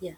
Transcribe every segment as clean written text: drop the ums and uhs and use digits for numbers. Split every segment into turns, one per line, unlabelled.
Yeah.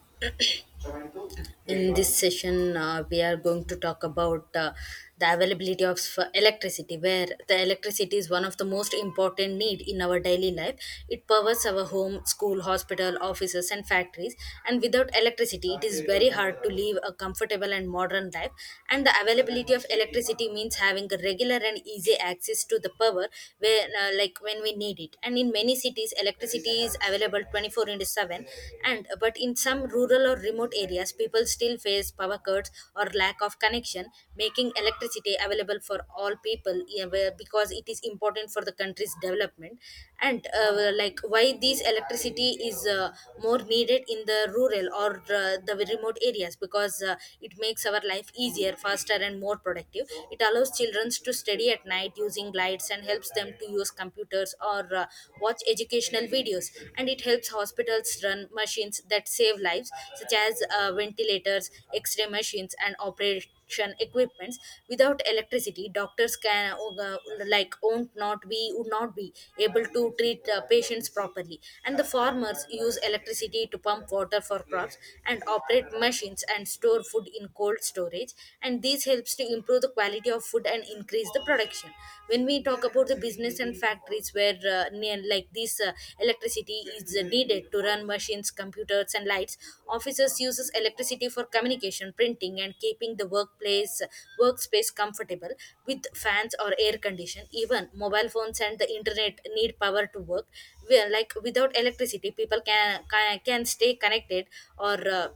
In this session, we are going to talk about the availability of electricity, where the electricity is one of the most important need in our daily life. It powers our home, school, hospital, offices, and factories. And without electricity, it is very hard to live a comfortable and modern life. And the availability of electricity means having a regular and easy access to the power, where like when we need it. And in many cities, electricity is available 24 into 7, and but in some rural or remote areas, people still face power cuts or lack of connection, making electricity available for all people, yeah, because it is important for the country's development. And like why this electricity is more needed in the rural or uh, the remote areas, because it makes our life easier, faster, and more productive. It allows children to study at night using lights, and helps them to use computers or watch educational videos. And it helps hospitals run machines that save lives, such as ventilators, x-ray machines, and operation equipments. Without electricity, doctors can uh, like won't not be would not be able to treat patients properly. And the farmers use electricity to pump water for crops, and operate machines, and store food in cold storage. And these helps to improve the quality of food and increase the production. When we talk about the business and factories, where like this electricity is needed to run machines, computers, and lights. Officers uses electricity for communication, printing, and keeping the workplace workspace comfortable with fans or air condition. Even mobile phones and the internet need power to work. Where, like, without electricity, people can stay connected, or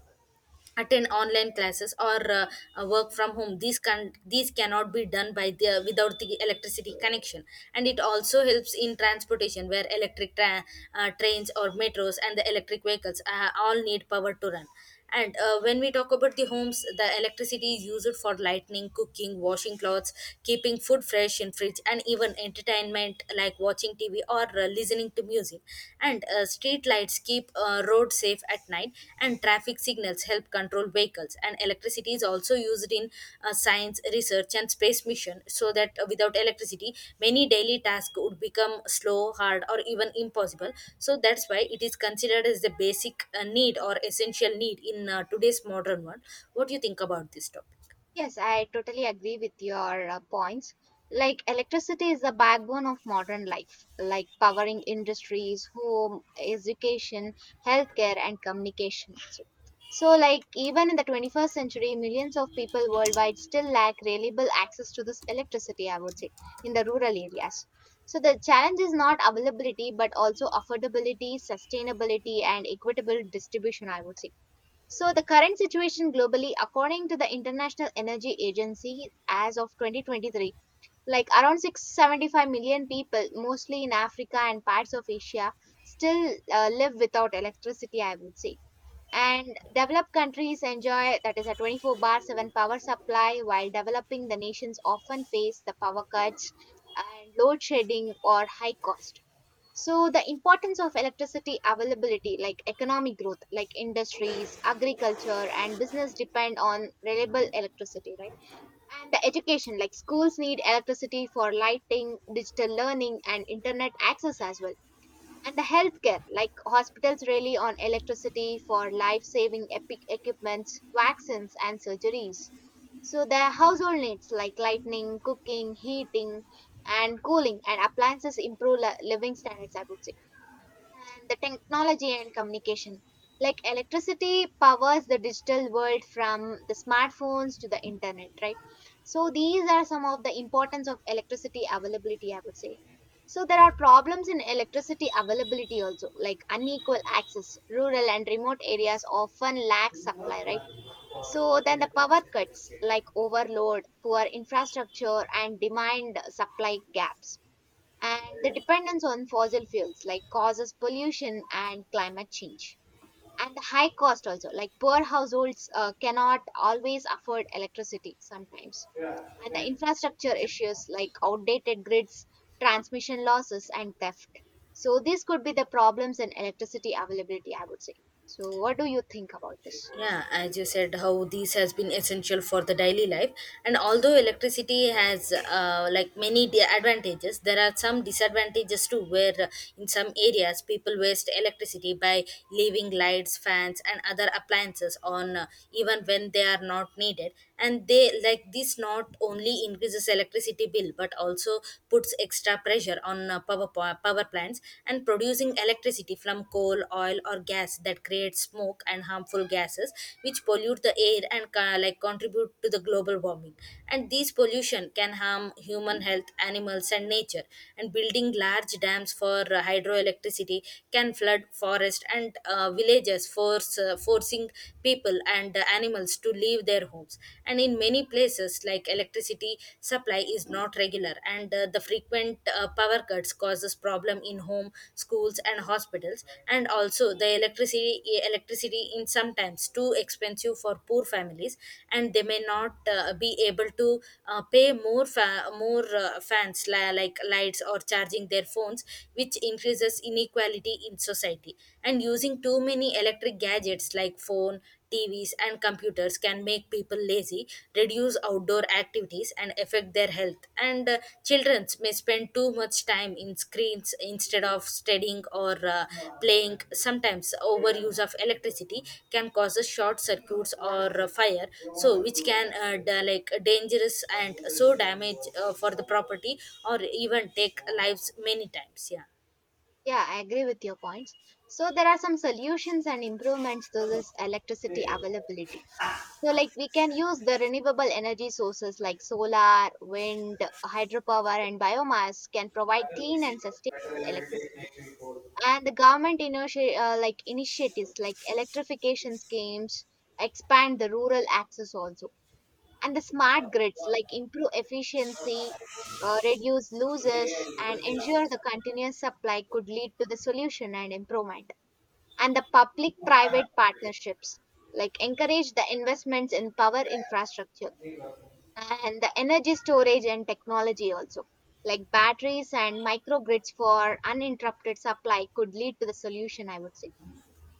attend online classes, or work from home. These cannot be done by the without the electricity connection. And it also helps in transportation, where electric trains or metros, and the electric vehicles all need power to run. And when we talk about the homes, the electricity is used for lighting, cooking, washing clothes, keeping food fresh in fridge, and even entertainment like watching tv, movie, or listening to music. And street lights keep road safe at night, and traffic signals help control vehicles. And electricity is also used in science research and space mission, so that without electricity, many daily tasks would become slow, hard, or even impossible. So that's why it is considered as the basic need or essential need in today's modern world. What do you think about this topic?
Yes, I totally agree with your points. Like electricity is the backbone of modern life, like powering industries, home, education, healthcare, and communication, also. So, like even in the 21st century, millions of people worldwide still lack reliable access to this electricity, I would say, in the rural areas. So the challenge is not availability, but also affordability, sustainability, and equitable distribution, I would say. So the current situation globally, according to the International Energy Agency, as of 2023, like around 675 million people, mostly in Africa and parts of Asia, still live without electricity, I would say. And developed countries enjoy that is a 24/7 power supply, while developing the nations often face the power cuts and load shedding or high cost. So the importance of electricity availability, like economic growth, like industries, agriculture, and business depend on reliable electricity, right? And the education, like schools need electricity for lighting, digital learning, and internet access as well. And the healthcare, like hospitals rely on electricity for life-saving epic equipments, vaccines, and surgeries. So the household needs like lighting, cooking, heating, and cooling, and appliances improve living standards, I would say. And the technology and communication. Like electricity powers the digital world from the smartphones to the internet, right? So these are some of the importance of electricity availability, I would say. So there are problems in electricity availability also, like unequal access. Rural and remote areas often lack supply, right? So then the power cuts, like overload, poor infrastructure, and demand supply gaps, and the dependence on fossil fuels like causes pollution and climate change, and the high cost also, like poor households cannot always afford electricity sometimes, and the infrastructure issues like outdated grids, transmission losses and theft. So these could be the problems in electricity availability, I would say. So what do you think about this?
Yeah, as you said, how this has been essential for the daily life, and although electricity has like many advantages, there are some disadvantages too. Where in some areas, people waste electricity by leaving lights, fans, and other appliances on, even when they are not needed. And they, like, this not only increases electricity bill but also puts extra pressure on power power plants. And producing electricity from coal, oil, or gas that creates smoke and harmful gases, which pollute the air and like contribute to the global warming. And these pollution can harm human health, animals, and nature. And building large dams for hydroelectricity can flood forest and villages, force forcing people and the animals to leave their homes. And in many places, like electricity supply is not regular, and the frequent power cuts causes problem in home, schools, and hospitals. And also, the electricity is sometimes too expensive for poor families, and they may not be able to pay more more fans, like lights, or charging their phones, which increases inequality in society. And using too many electric gadgets like phone, tvs, and computers can make people lazy, reduce outdoor activities, and affect their health. And children may spend too much time in screens instead of studying or playing. Sometimes overuse of electricity can cause a short circuits or fire, so which can like dangerous and so damage for the property or even take lives many times. Yeah.
Yeah, I agree with your points. So there are some solutions and improvements to this electricity availability. So like we can use the renewable energy sources like solar, wind, hydropower and biomass can provide clean and sustainable electricity. And the government like initiatives like electrification schemes expand the rural access also, and the smart grids like improve efficiency, reduce losses and ensure the continuous supply could lead to the solution and improvement, and the public private partnerships like encourage the investments in power infrastructure, and the energy storage and technology also, like batteries and microgrids for uninterrupted supply could lead to the solution, I would say.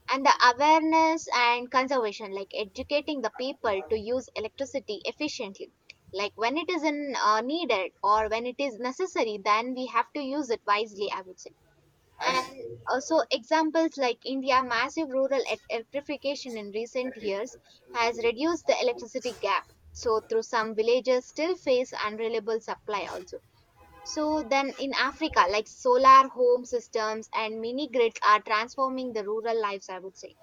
And the awareness and conservation, like educating the people to use electricity efficiently, like when it is in needed or when it is necessary, then we have to use it wisely, I would say. And also examples like India massive rural electrification in recent years has reduced the electricity gap, so through some villages still face unreliable supply also. So then in Africa, like solar home systems and mini grids are transforming the rural lives, I would say.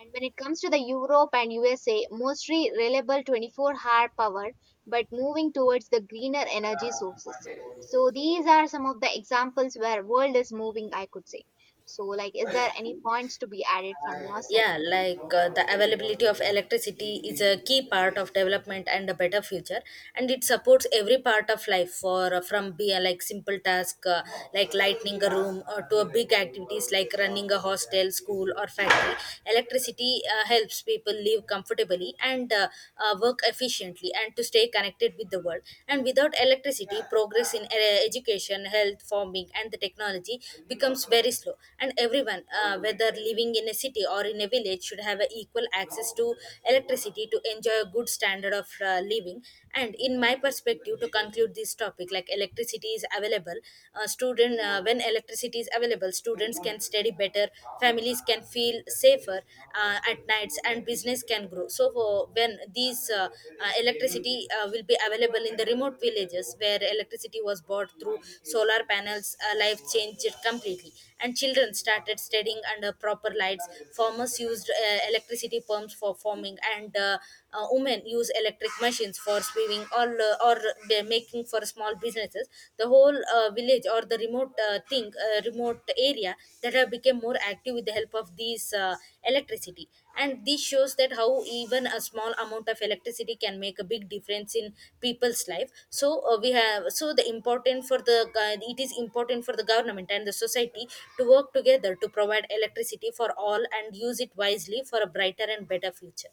And when it comes to the Europe and USA, mostly reliable 24-hour hour power, but moving towards the greener energy sources. So these are some of the examples where world is moving, I could say. So like, is there any points to be added from your side?
Yeah, like the availability of electricity is a key part of development and a better future, and it supports every part of life for from be like simple task, like lighting a room or to a big activities like running a hostel, school, or factory. Electricity helps people live comfortably and work efficiently and to stay connected with the world. And without electricity, progress in education, health, farming, and the technology becomes very slow. And everyone, whether living in a city or in a village, should have a equal access to electricity to enjoy a good standard of living. And in my perspective, to conclude this topic, like electricity is available, student when electricity is available, students can study better, families can feel safer at nights, and business can grow. So for when these uh, uh, electricity will be available in the remote villages, where electricity was bought through solar panels, life changed completely. And children started studying under proper lights. Farmers used electricity pumps for farming, and women use electric machines for sewing or they're making for small businesses. The whole village or the remote thing remote area that have become more active with the help of these electricity. And this shows that how even a small amount of electricity can make a big difference in people's life. So, we have so the important for the it is important for the government and the society to work together to provide electricity for all and use it wisely for a brighter and better future.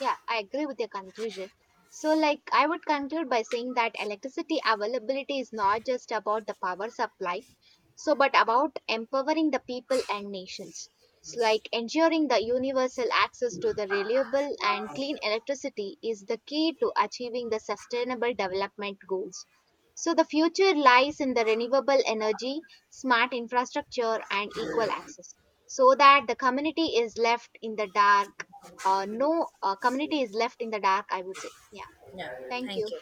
Yeah, I agree with your conclusion. So, like, I would conclude by saying that electricity availability is not just about the power supply, so, but about empowering the people and nations. So, like, ensuring the universal access to the reliable and clean electricity is the key to achieving the sustainable development goals. So, the future lies in the renewable energy, smart infrastructure, and equal access, so that the community is left in the dark, no, community is left in the dark, I would say. Yeah,
Yeah.
thank
Thank
you.
you.